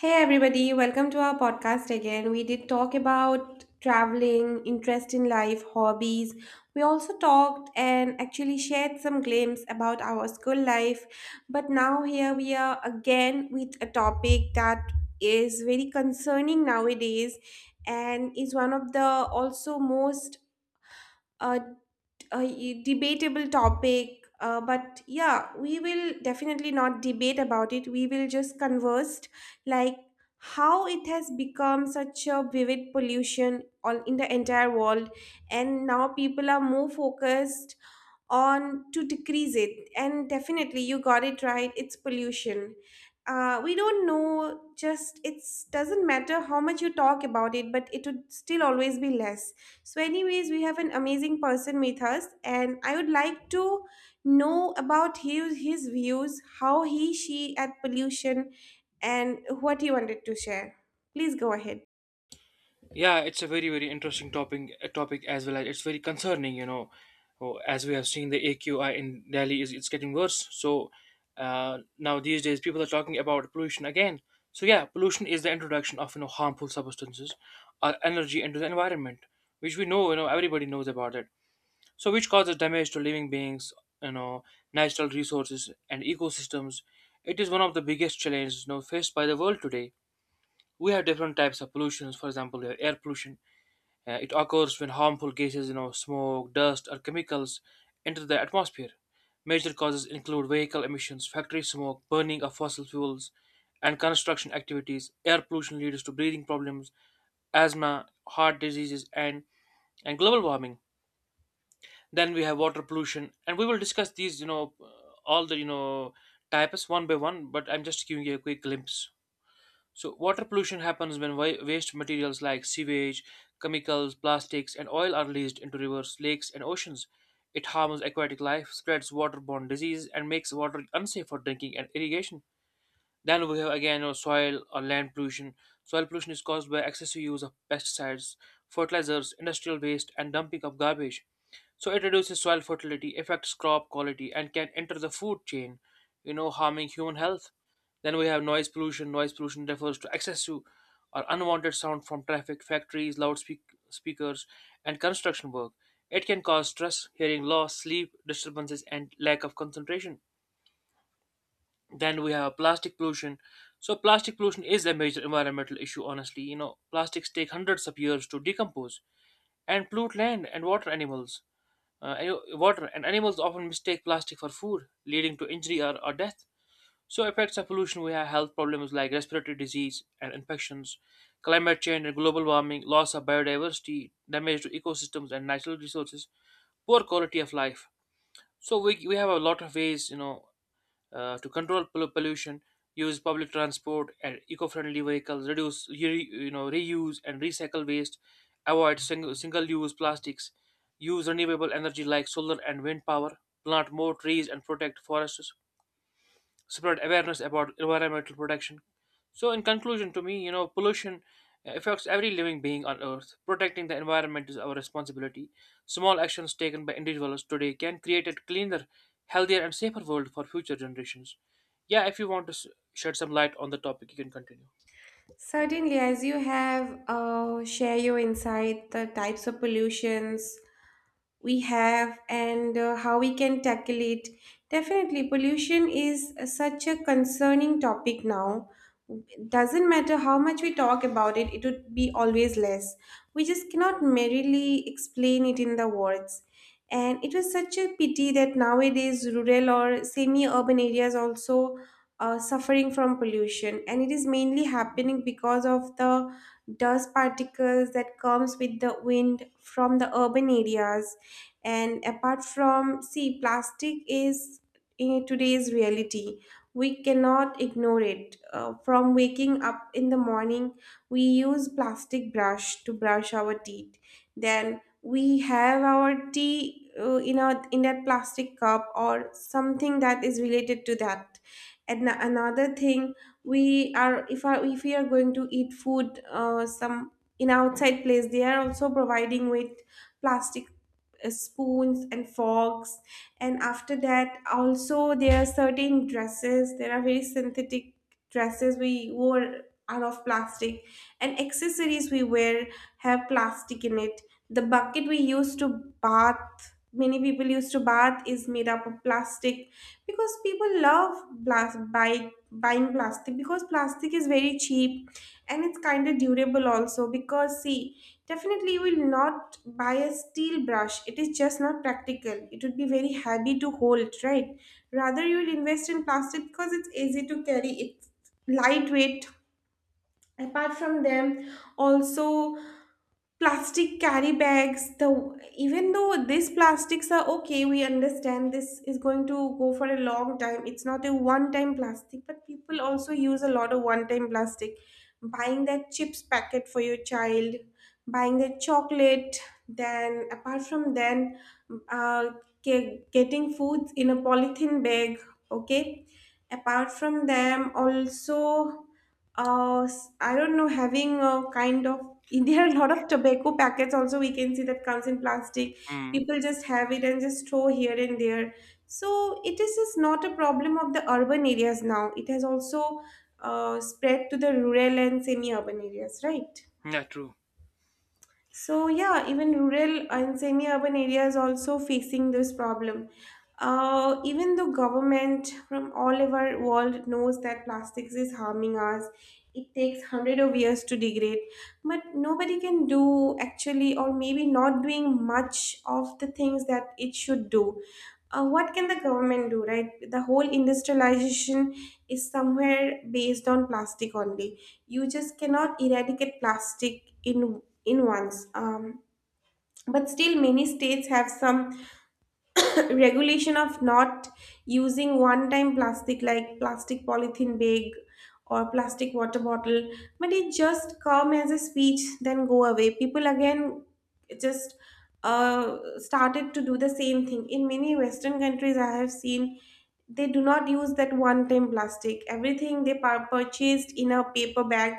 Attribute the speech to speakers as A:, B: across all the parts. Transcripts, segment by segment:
A: Hey everybody, welcome to our podcast again. We did talk about traveling, interest in life, hobbies. We also talked and actually shared some glimpses about our school life. But now here we are again with a topic that is very concerning nowadays and is one of the also most uh, a debatable topic, but yeah, we will definitely not debate about it. We will just converse like how it has become such a vivid pollution all in the entire world, and now people are more focused on to decrease it. And definitely, you got it right. It's pollution. We don't know. Just it's doesn't matter how much you talk about it, but it would still always be less. So, anyways, we have an amazing person with us, and I would like to know about his views, how he she at pollution, and what he wanted to share. Please go ahead.
B: Yeah, it's a very interesting topic as well as it's very concerning. As we have seen, the AQI in Delhi is it's getting worse. So now these days, people are talking about pollution again. So yeah, pollution is the introduction of harmful substances or energy into the environment, which we know everybody knows about it. So which causes damage to living beings, you know, natural resources and ecosystems. It is one of the biggest challenges faced by the world today. We have different types of pollutions. For example, we have air pollution it occurs when harmful gases, smoke, dust, or chemicals enter the atmosphere. Major causes include vehicle emissions, factory smoke, burning of fossil fuels, and construction activities. Air pollution leads to breathing problems, asthma, heart diseases, and global warming. Then we have water pollution, and we will discuss these, you know, all the you know types one by one. But I'm just giving you a quick glimpse. So, water pollution happens when waste materials like sewage, chemicals, plastics, and oil are released into rivers, lakes, and oceans. It harms aquatic life, spreads waterborne disease, and makes water unsafe for drinking and irrigation. Then we have again our soil or land pollution. Soil pollution is caused by excessive use of pesticides, fertilizers, industrial waste, and dumping of garbage. So it reduces soil fertility, affects crop quality, and can enter the food chain, harming human health. Then we have noise pollution. Noise pollution refers to excessive or unwanted sound from traffic, factories, loudspeakers, and construction work. It can cause stress, hearing loss, sleep disturbances, and lack of concentration. Then we have plastic pollution. So plastic pollution is a major environmental issue, honestly. Plastics take hundreds of years to decompose and pollute land and water animals. Water and animals often mistake plastic for food, leading to injury or death. So effects of pollution, we have health problems like respiratory disease and infections, climate change and global warming, loss of biodiversity, damage to ecosystems and natural resources, poor quality of life. So we have a lot of ways, to control pollution, use public transport and eco-friendly vehicles, reduce reuse and recycle waste, avoid single-use plastics, use renewable energy like solar and wind power, plant more trees and protect forests, spread awareness about environmental protection. So, in conclusion, to me, pollution affects every living being on Earth. Protecting the environment is our responsibility. Small actions taken by individuals today can create a cleaner, healthier, and safer world for future generations. Yeah, if you want to shed some light on the topic, you can continue.
A: Certainly, as you have share your insight, the types of pollutions, we have and how we can tackle it. Definitely, pollution is such a concerning topic now. Doesn't matter how much we talk about it, it would be always less. We just cannot merely explain it in the words. And it was such a pity that nowadays rural or semi urban areas also are suffering from pollution. And it is mainly happening because of the dust particles that comes with the wind from the urban areas, and apart from see plastic is in today's reality we cannot ignore it. From waking up in the morning, we use plastic brush to brush our teeth. Then we have our tea in our in that plastic cup or something that is related to that. And another thing, we are if we are going to eat food, some in outside place they are also providing with plastic spoons and forks. And after that also, there are certain dresses, there are very synthetic dresses we wore are of plastic, and accessories we wear have plastic in it. The bucket we use to bath, many people used to bath is made up of plastic because people love buy, buying plastic because plastic is very cheap and it's kind of durable also because see. Definitely, you will not buy a steel brush. It is just not practical. It would be very heavy to hold, right? Rather, you will invest in plastic because it's easy to carry. It's lightweight. Apart from them, also plastic carry bags, the even though these plastics are okay, we understand this is going to go for a long time, it's not a one time plastic, but people also use a lot of one time plastic, buying that chips packet for your child, buying that chocolate, then apart from then uh, getting foods in a polythene bag, okay. Apart from them also, uh, I don't know, having a kind of there are a lot of tobacco packets also we can see that comes in plastic.
B: Mm,
A: People just have it and just throw here and there. So it is just not a problem of the urban areas now. It has also spread to the rural and semi-urban areas, right?
B: yeah, true.
A: So yeah, even rural and semi-urban areas also facing this problem. Even though government from all over world knows that plastics is harming us, it takes hundred of years to degrade, but nobody can do actually, or maybe not doing much of the things that it should do. What can the government do, right? The whole industrialization is somewhere based on plastic only. You just cannot eradicate plastic in once. But still many states have some regulation of not using one time plastic like plastic polythene bag or plastic water bottle, but it just come as a speech then go away, people again just started to do the same thing. In many western countries I have seen they do not use that one time plastic, everything they purchased in a paper bag,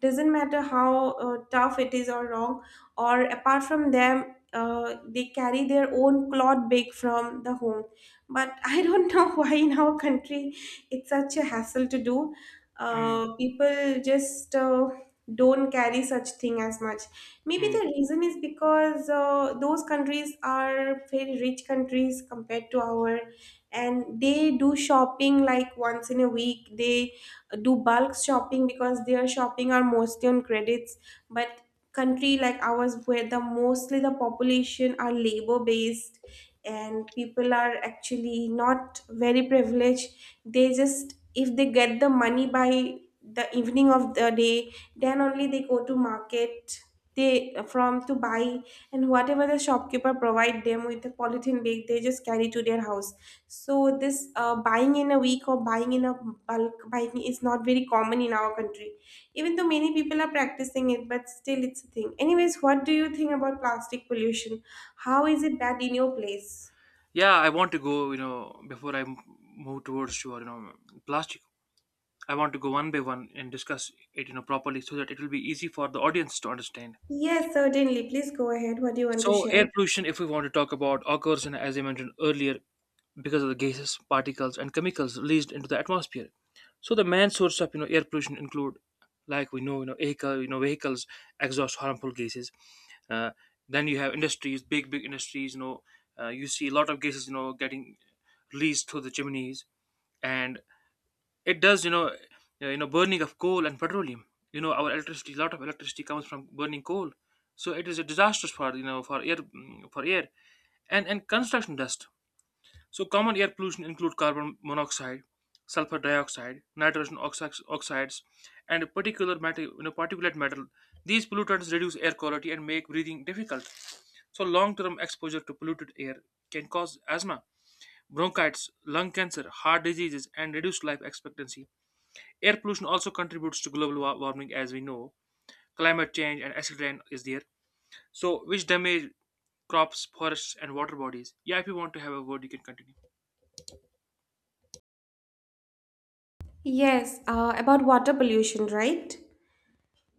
A: doesn't matter how tough it is or wrong, or apart from them they carry their own cloth bag from the home. But I don't know why in our country it's such a hassle to do.
B: Mm,
A: People just don't carry such thing as much. Maybe the
B: mm.
A: reason is because those countries are very rich countries compared to our, and they do shopping like once in a week, they do bulk shopping because their shopping are mostly on credits. But country like ours where the mostly the population are labor based, and people are actually not very privileged, they just if they get the money by the evening of the day then only they go to market, they from to buy, and whatever the shopkeeper provide them with the polythene bag they just carry to their house. So this buying in a week or buying in a bulk buying is not very common in our country. Even though many people are practicing it, but still it's a thing. Anyways, what do you think about plastic pollution? How is it bad in your place?
B: Yeah, I want to go, you know, before move towards your, you know, plastic, I want to go one by one and discuss it, you know, properly so that it will be easy for the audience to understand.
A: Yes, certainly. Please go ahead. What do you want to
B: So,
A: share?
B: air pollution, if we want to talk about, occurs in, as I mentioned earlier, because of the gases, particles, and chemicals released into the atmosphere. So, the main source of air pollution include, like we know, vehicles exhaust harmful gases. Uh, then you have industries, big industries. You know, you see a lot of gases, you know, getting released through the chimneys, and it does, burning of coal and petroleum. You know, our electricity, a lot of electricity comes from burning coal, so it is a disastrous for for air for air and construction dust. So common air pollution include carbon monoxide, sulfur dioxide, nitrogen oxides, and particular matter, particulate matter. These pollutants reduce air quality and make breathing difficult. So long-term exposure to polluted air can cause asthma, bronchitis, lung cancer, heart diseases, and reduced life expectancy. Air pollution also contributes to global warming, as we know. Climate change and acid rain is there, so which damage crops, forests, and water bodies. Yeah, if you want to have a word, you can continue.
A: Yes, about water pollution, right?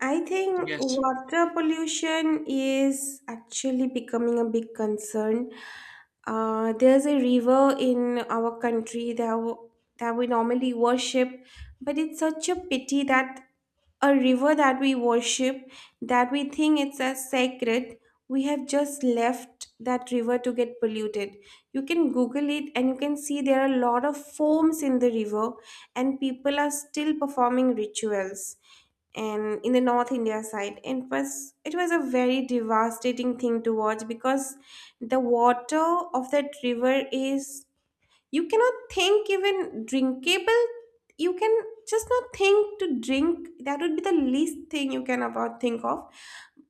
A: I think
B: Yes.
A: water pollution is actually becoming a big concern. There's a river in our country that, that we normally worship, but it's such a pity that a river that we worship, that we think it's as sacred, we have just left that river to get polluted. You can Google it and you can see there are a lot of foams in the river, and people are still performing rituals and in the north India side. And it was a very devastating thing to watch because the water of that river is, you cannot think even drinkable, you can just not think to drink, that would be the least thing you can about think of.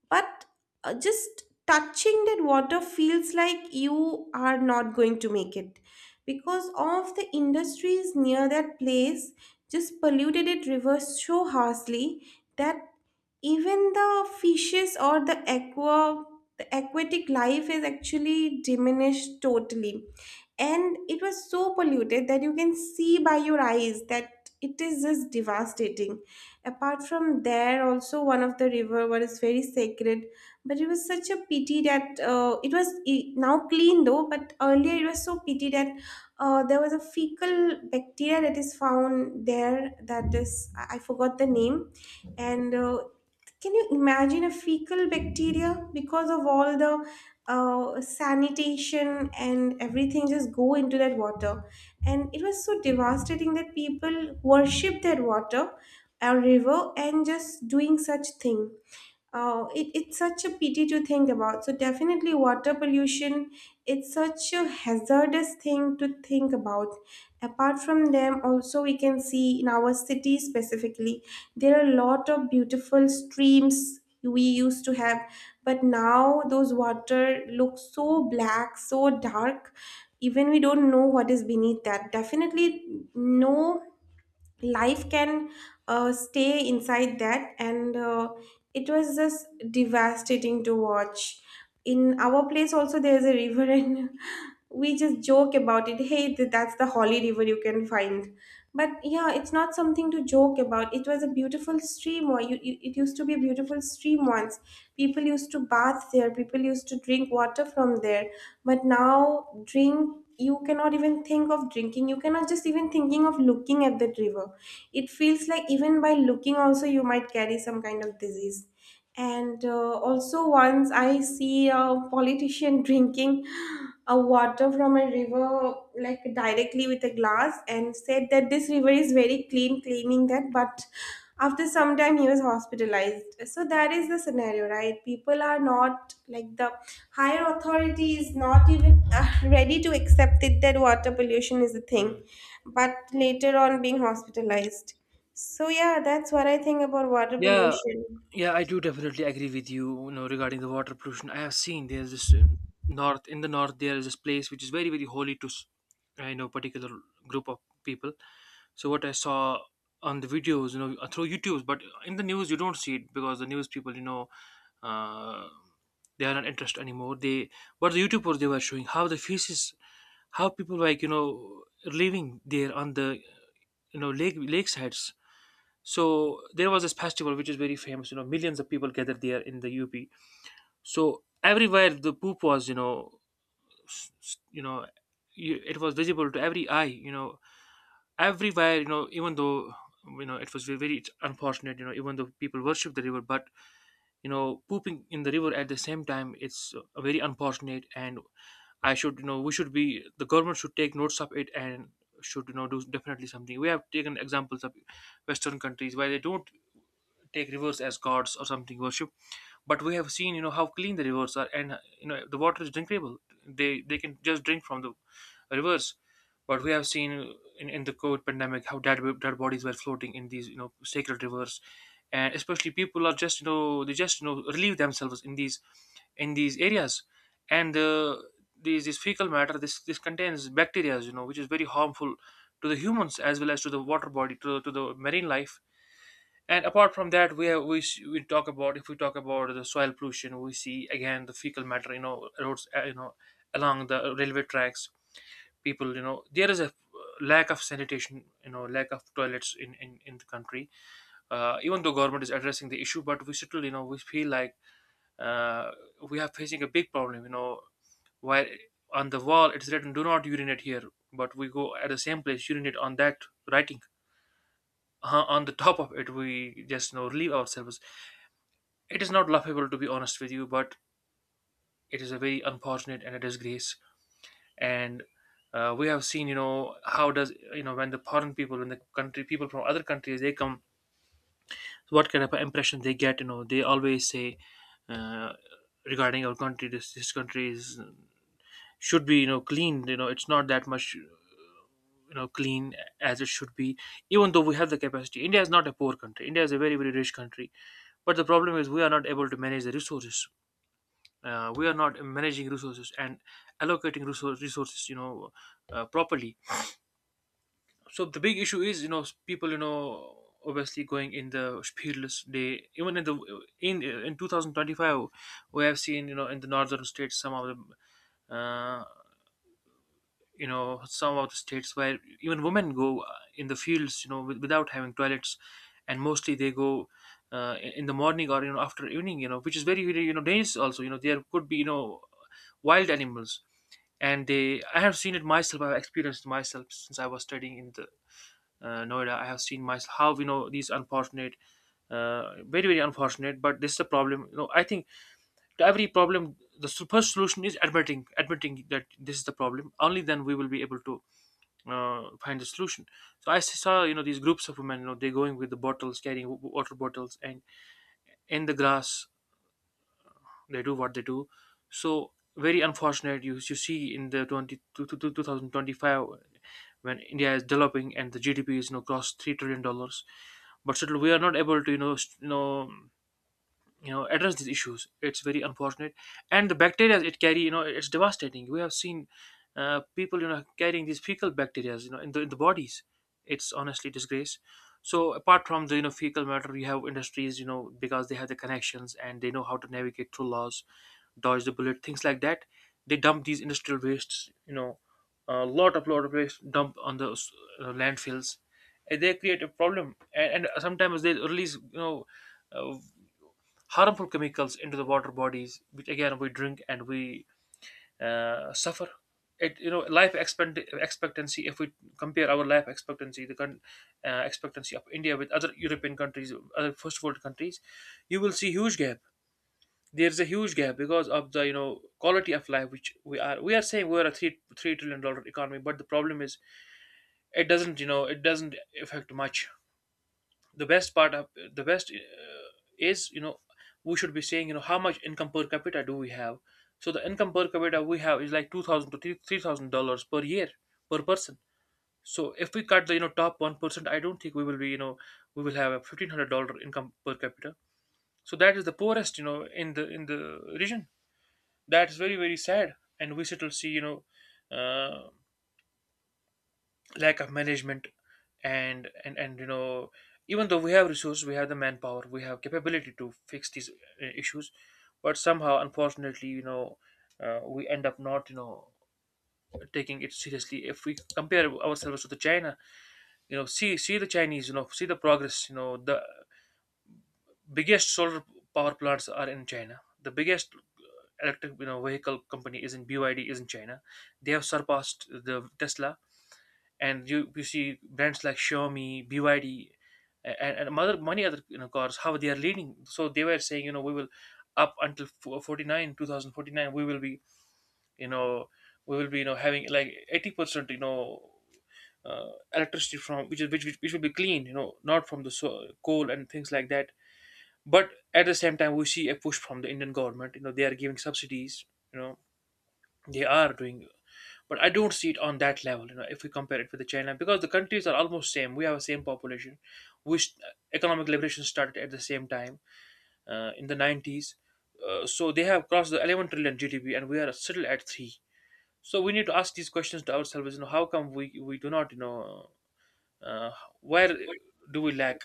A: But just touching that water feels like you are not going to make it because of the industries near that place just polluted it rivers so harshly that even the fishes or the aqua, the aquatic life is actually diminished totally. And it was so polluted that you can see by your eyes that it is just devastating. Apart from there, also one of the river what is very sacred, but it was such a pity that it was now clean though, but earlier it was so pity that there was a fecal bacteria that is found there, that is I forgot the name, and can you imagine a fecal bacteria because of all the sanitation and everything just go into that water. And it was so devastating that people worship that water, a river, and just doing such thing. It's such a pity to think about. So definitely water pollution, it's such a hazardous thing to think about. Apart from them also, we can see in our city specifically there are a lot of beautiful streams we used to have, but now those water look so black, so dark, even we don't know what is beneath that. Definitely no life can stay inside that. And it was just devastating to watch. In our place also there's a river and we just joke about it, hey that's the holy river you can find. But yeah, it's not something to joke about. It was a beautiful stream, or it used to be a beautiful stream once. People used to bath there, people used to drink water from there. But now drink, you cannot even think of drinking, you cannot just even thinking of looking at that river, it feels like even by looking also you might carry some kind of disease. And also, once I see a politician drinking a water from a river, like directly with a glass, and said that this river is very clean, claiming that. But after some time, he was hospitalized. So that is the scenario, right? People are not like the higher authority is not even ready to accept it that water pollution is a thing,
B: Mm.
A: but later on being hospitalized. So yeah, that's what I think about water
B: Yeah,
A: pollution.
B: Yeah, I do definitely agree with you, you know, regarding the water pollution. I have seen there's this north in the north there is this place which is very holy to I know particular group of people. So what I saw on the videos, through YouTube, but in the news you don't see it because the news people, uh, they are not interested anymore. They what the YouTubers they were showing how the feces, how people like living there on the lakesides so there was this festival which is very famous. You know, millions of people gathered there in the UP. So everywhere the poop was, s- s- you know, it was visible to every eye. You know, everywhere. You know, even though it was very unfortunate. You know, even though people worship the river, but you know, pooping in the river at the same time, it's very unfortunate. And I should, you know, we should be the government should take notes of it and should do definitely something. We have taken examples of Western countries where they don't take rivers as gods or something worship, but we have seen you know how clean the rivers are, and you know the water is drinkable. They can just drink from the rivers. But we have seen in the covid pandemic how dead bodies were floating in these you know sacred rivers, and especially people are just you know they just you know relieve themselves in these areas. And these this fecal matter, this contains bacteria you know which is very harmful to the humans as well as to the water body to the marine life. And apart from that, we have we s- we talk about if we talk about the soil pollution, we see again the fecal matter, you know, roads, along the railway tracks. People, you know, there is a lack of sanitation, you know, lack of toilets in the country. Even though government is addressing the issue, but we still, you know, we feel like uh, we are facing a big problem. You know, while on the wall it's written "Do not urinate here," but we go at the same place urinate on that writing on the top of it. We just, you know, relieve ourselves. It is not laughable, to be honest with you, but it is a very unfortunate and a disgrace. And we have seen, you know, how does you know when the foreign people, when the country people from other countries they come, so what kind of impression they get? You know, they always say uh, regarding our country, this country is should be you know clean. You know, it's not that much you know clean as it should be. Even though we have the capacity, India is not a poor country. India is a very rich country, but the problem is we are not able to manage the resources. We are not managing resources and allocating resources you know properly. So the big issue is you know people you know obviously going in the fearless day even in in 2025 we have seen you know in the northern states some of the uh, some of the states where even women go in the fields you know without having toilets, and mostly they go in the morning or you know after evening you know which is very you know dangerous also you know there could be you know wild animals. And they I have seen it myself, I've experienced myself since I was studying in the noida. I have seen myself how you know these unfortunate uh, very unfortunate, but this is a problem you know I think to every problem the first solution is admitting that this is the problem only then we will be able to find a solution. So I saw, you know, these groups of women, you know, they're going with the bottles, carrying water bottles, and in the grass, they do what they do. So very unfortunate, you see in the 20, to- to- to 2025 when India is developing and the GDP is, you know, crossed $3 trillion, but still we are not able to, address these issues. It's very unfortunate, and the bacteria it carry, you know, it's devastating. We have seen people, you know, carrying these fecal bacteria, you know, in the bodies. It's honestly disgrace. So apart from the, you know, fecal matter, you have industries, you know, because they have the connections and they know how to navigate through laws, dodge the bullet, things like that. They dump these industrial wastes, you know, a lot of waste dump on the landfills, and they create a problem. And sometimes they release, you know, uh, harmful chemicals into the water bodies, which again we drink and we suffer. It you know life expect- Expectancy. If we compare our life expectancy, the expectancy of India with other European countries, other first world countries, you will see huge gap. There is a huge gap because of the, you know, quality of life which we are. We are saying we are a three trillion dollar economy, but the problem is it doesn't, you know, it doesn't affect much. The best part of the best is you know We should be saying, you know, how much income per capita do we have. So the income per capita we have is like 2000 to $3000 per year per person. So if we cut the, you know, top 1%, I don't think we will be, you know, we will have a $1500 income per capita. So that is the poorest, you know, in the region. That is very very sad, and we still see, you know, uh, lack of management. And you know, even though we have resources, we have the manpower, we have capability to fix these issues, but somehow unfortunately, you know, we end up not, you know, taking it seriously. If we compare ourselves to the China, you know, see the Chinese, you know, see the progress, you know, the biggest solar power plants are in China. The biggest electric, you know, vehicle company is in BYD, is in China. They have surpassed the Tesla. And you see brands like Xiaomi, BYD, and other many other, you know, cars, how they are leading. So they were saying, you know, we will up until fo- 49 2049, we will be, you know, we will be, you know, having like 80%, you know, electricity from which is which will be clean, you know, not from the coal and things like that. But at the same time, we see a push from the Indian government, you know. They are giving subsidies, you know, they are doing, but I don't see it on that level. You know, if we compare it with the China, because the countries are almost same. We have the same population. We economic liberation started at the same time in the 90s. So they have crossed the 11 trillion GDP, and we are still at three. So we need to ask these questions to ourselves. You know, how come we do not? You know, uh, where do we lack?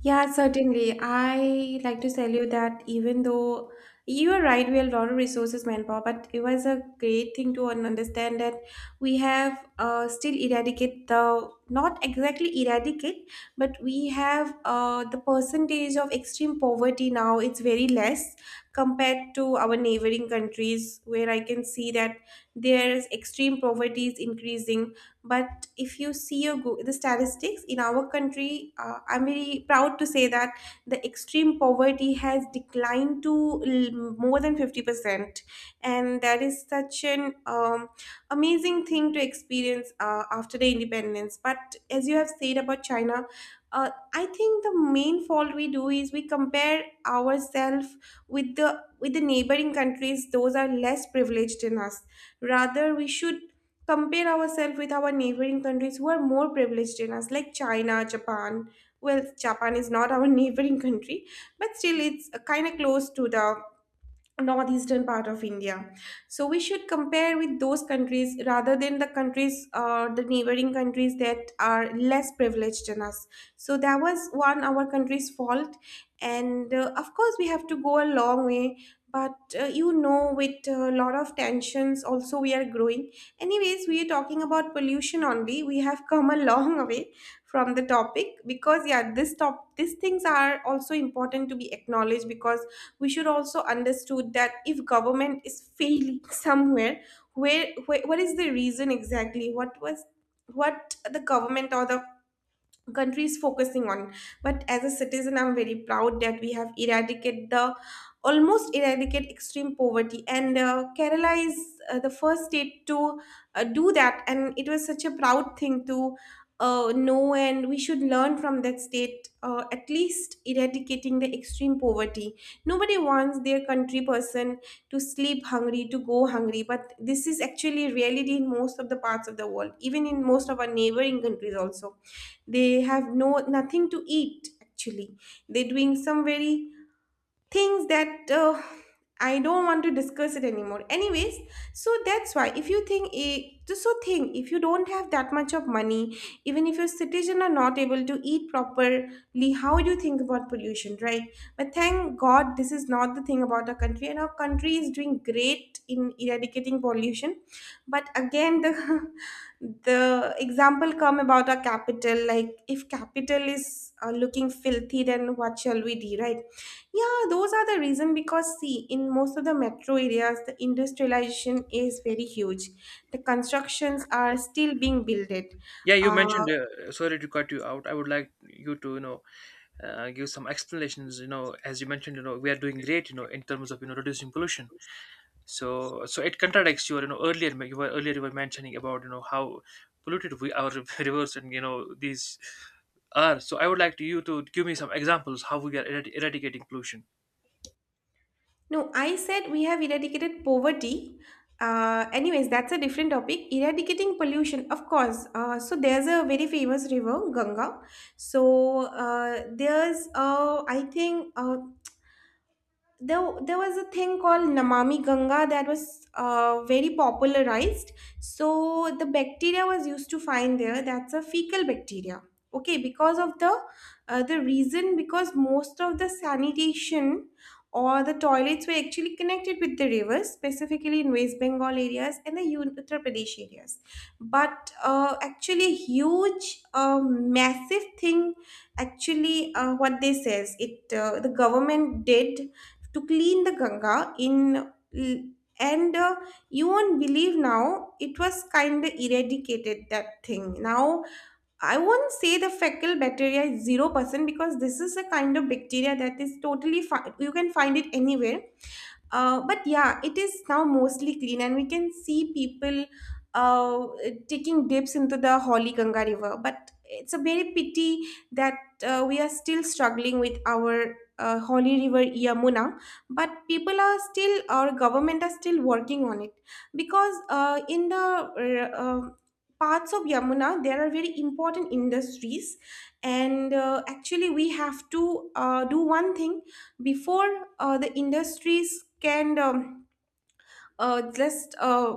A: Yeah, certainly. I like to tell you that even though you are right, we have a lot of resources, manpower, but it was a great thing to understand that we have still eradicate the, not exactly eradicate, but we have the percentage of extreme poverty now. It's very less compared to our neighboring countries, where I can see that there's extreme poverty is increasing. But if you see your the statistics in our country, I'm very proud to say that the extreme poverty has declined to more than 50%, and that is such an amazing thing to experience after the independence. But as you have said about china, uh, I think the main fault we do is we compare ourselves with the neighboring countries those are less privileged than us. Rather we should compare ourselves with our neighboring countries who are more privileged than us, like China, Japan. Well, Japan is not our neighboring country, but still, it's kind of close to the northeastern part of India. So we should compare with those countries rather than the countries or the neighboring countries that are less privileged than us. So that was one our country's fault, and of course we have to go a long way. But with a lot of tensions, also we are growing. Anyways, we are talking about pollution only. We have come a long way from the topic. Because yeah, this top these things are also important to be acknowledged, because we should also understood that if government is failing somewhere, where what is the reason, exactly what was what the government or the country is focusing on. But as a citizen, I'm very proud that we have eradicated the almost eradicate extreme poverty. And kerala is the first state to do that, and it was such a proud thing to know. And we should learn from that state, at least eradicating the extreme poverty. Nobody wants their country person to sleep hungry, to go hungry. But this is actually reality in most of the parts of the world, even in most of our neighboring countries also. They have no nothing to eat actually. They're doing some very things that I don't want to discuss it anymore. Anyways, so that's why if you think eh, just so think if you don't have that much of money, even if your citizen are not able to eat properly, how do you think about pollution, right? But thank God this is not the thing about our country, and our country is doing great in eradicating pollution. But again, the the example come about our capital. Like if capital is looking filthy, then what shall we do, right? Yeah, those are the reason, because see, in most of the metro areas, the industrialization is very huge. The constructions are still being built. It.
B: Yeah, you
A: Uh,
B: mentioned. Sorry to cut you out. I would like you to, you know, give some explanations. You know, as you mentioned, you know, we are doing great. You know, in terms of, you know, reducing pollution. So so it contradicts your, you know, earlier you were mentioning about, you know, how polluted we our rivers, and you know these are. So I would like to you to give me some examples how we are eradicating pollution.
A: no, I said we have eradicated poverty. Anyways, that's a different topic. Eradicating pollution, of course. So there's a very famous river, Ganga. So there's, I think. There was a thing called Namami Ganga that was very popularized. So the bacteria was used to find there. That's a fecal bacteria. Okay, because of the reason because most of the sanitation or the toilets were actually connected with the rivers, specifically in West Bengal areas and the Uttar Pradesh areas. But actually, huge, massive thing. Actually, what they says it the government did to clean the Ganga in and you won't believe now it was kind of eradicated that thing now. I won't say the fecal bacteria is 0%, because this is a kind of bacteria that is totally you can find it anywhere. But yeah, it is now mostly clean, and we can see people uh, taking dips into the Holy Ganga River. But it's a very pity that we are still struggling with our Holy River Yamuna. But people are still, our government are still working on it, because in the parts of Yamuna there are very important industries, and actually we have to do one thing before the industries can just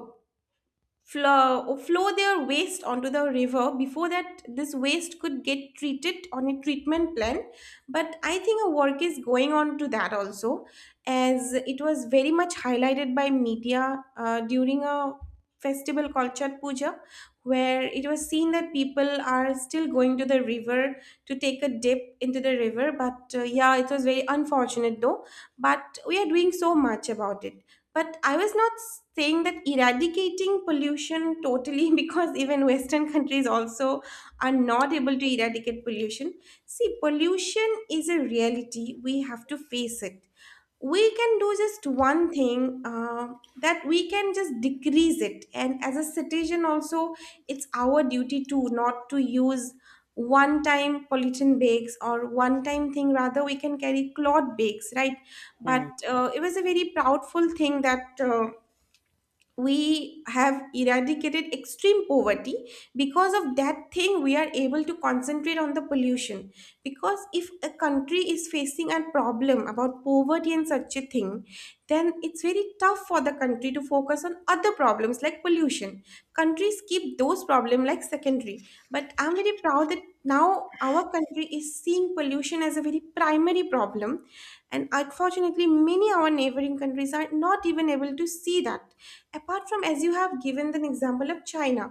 A: flow their waste onto the river. Before that, this waste could get treated on a treatment plant. But I think a work is going on to that also, as it was very much highlighted by media during a festival called chat puja, where it was seen that people are still going to the river to take a dip into the river. But yeah, it was very unfortunate though. But we are doing so much about it. But I was not saying that eradicating pollution totally because even Western countries also are not able to eradicate pollution. See, pollution is a reality. We have to face it. We can do just one thing, that we can just decrease it. And as a citizen, also, it's our duty to not to use one time pollutant bags or one time thing. Rather we can carry cloth bags, right? But
B: Hmm.
A: it was a very proudful thing that we have eradicated extreme poverty. Because of that thing we are able to concentrate on the pollution, because if a country is facing a problem about poverty and such a thing, then it's very tough for the country to focus on other problems like pollution. Countries keep those problems like secondary. But I'm very proud that now our country is seeing pollution as a very primary problem. And unfortunately many our neighboring countries are not even able to see that, apart from as you have given an example of china.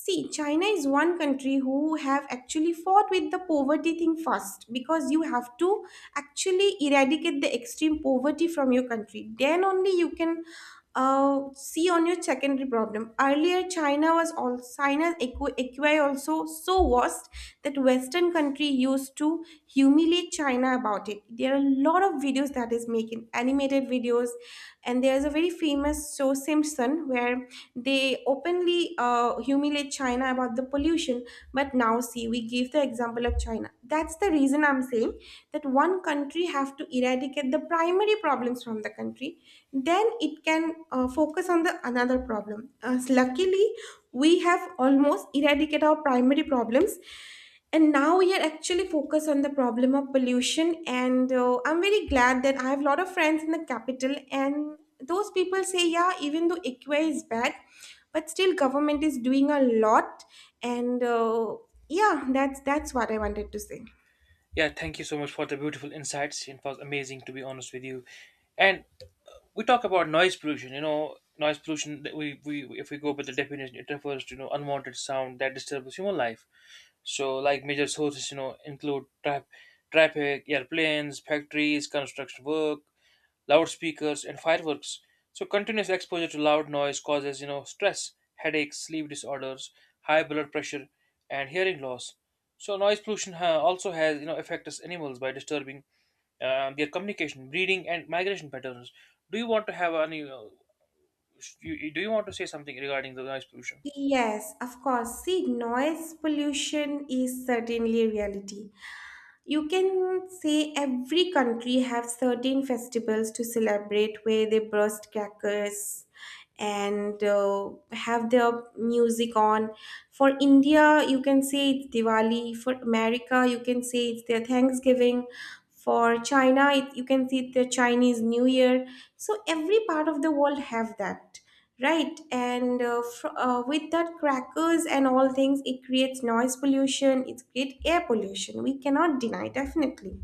A: See, china is one country who have actually fought with the poverty thing first, because you have to actually eradicate the extreme poverty from your country, then only you can see on your secondary problem. Earlier china was all china's equi also so worst, that western country used to humiliate china about it. There are a lot of videos that is making animated videos, and there's a very famous show Simpson where they openly humiliate China about the pollution. But now see, we give the example of China. That's the reason I'm saying that one country have to eradicate the primary problems from the country, then it can focus on the another problem. As luckily, we have almost eradicated our primary problems and now we are actually focused on the problem of pollution. And I'm very glad that I have a lot of friends in the capital, and those people say yeah, even though equa is bad, but still government is doing a lot. And yeah, that's what I wanted to say.
B: Yeah, thank you so much for the beautiful insights. It was amazing to be honest with you. And we talk about noise pollution. You know, noise pollution. That We, if we go by the definition, it refers to, you know, unwanted sound that disturbs human life. So, like major sources, you know, include traffic, airplanes, factories, construction work, loudspeakers and fireworks. So continuous exposure to loud noise causes, you know, stress, headaches, sleep disorders, high blood pressure, and hearing loss. So noise pollution also has, you know, affects animals by disturbing their communication, breeding, and migration patterns. Do you want to have any? You- do you want to say something regarding the noise pollution?
A: Yes, of course. See, noise pollution is certainly a reality. You can say every country have certain festivals to celebrate where they burst crackers and have their music on. For india you can say it's diwali, for america you can say it's their thanksgiving, for china you can see it's their chinese new year. So every part of the world have that, right? And with that crackers and all things it creates noise pollution, it creates air pollution, we cannot deny definitely.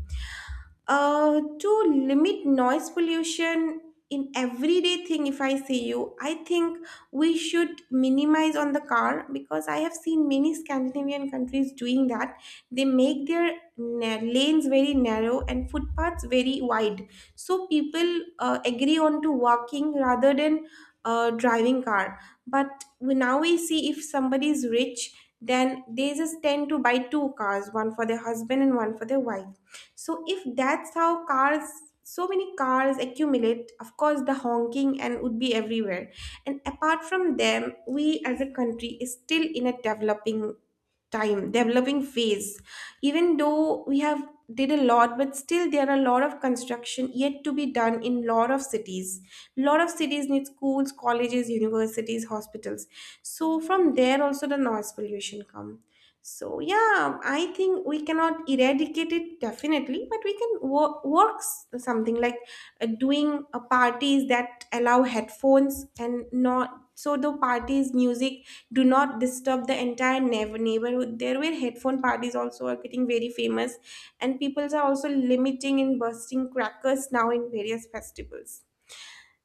A: To limit noise pollution in everyday thing, if I see you, I think we should minimize on the car, because I have seen many scandinavian countries doing that. They make their lanes very narrow and footpaths very wide, so people agree on to walking rather than driving car. But now we see if somebody is rich, then they just tend to buy two cars, one for their husband and one for their wife. So if that's how cars, so many cars accumulate, of course the honking and would be everywhere. And apart from them, we as a country is still in a developing time, developing phase. Even though we have did a lot, but still there are a lot of construction yet to be done in lot of cities. Lot of cities need schools, colleges, universities, hospitals. So from there also the noise pollution comes. So yeah, I think we cannot eradicate it definitely, but we can work something like doing parties that allow headphones, and not so the parties music do not disturb the entire neighborhood. There were headphone parties also are getting very famous, and peoples are also limiting and bursting crackers now in various festivals.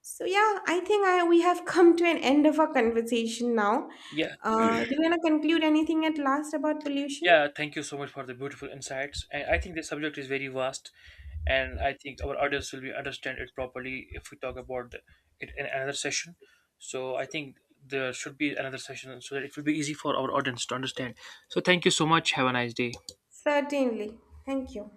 A: So yeah, I think I we have come to an end of our conversation now.
B: Yeah,
A: Do you want to conclude anything at last about pollution?
B: yeah. Thank you so much for the beautiful insights. And I think the subject is very vast, and I think our audience will be understand it properly if we talk about the, it in another session. So I think there should be another session so that it will be easy for our audience to understand. So thank you so much. Have a nice day.
A: Certainly. Thank you.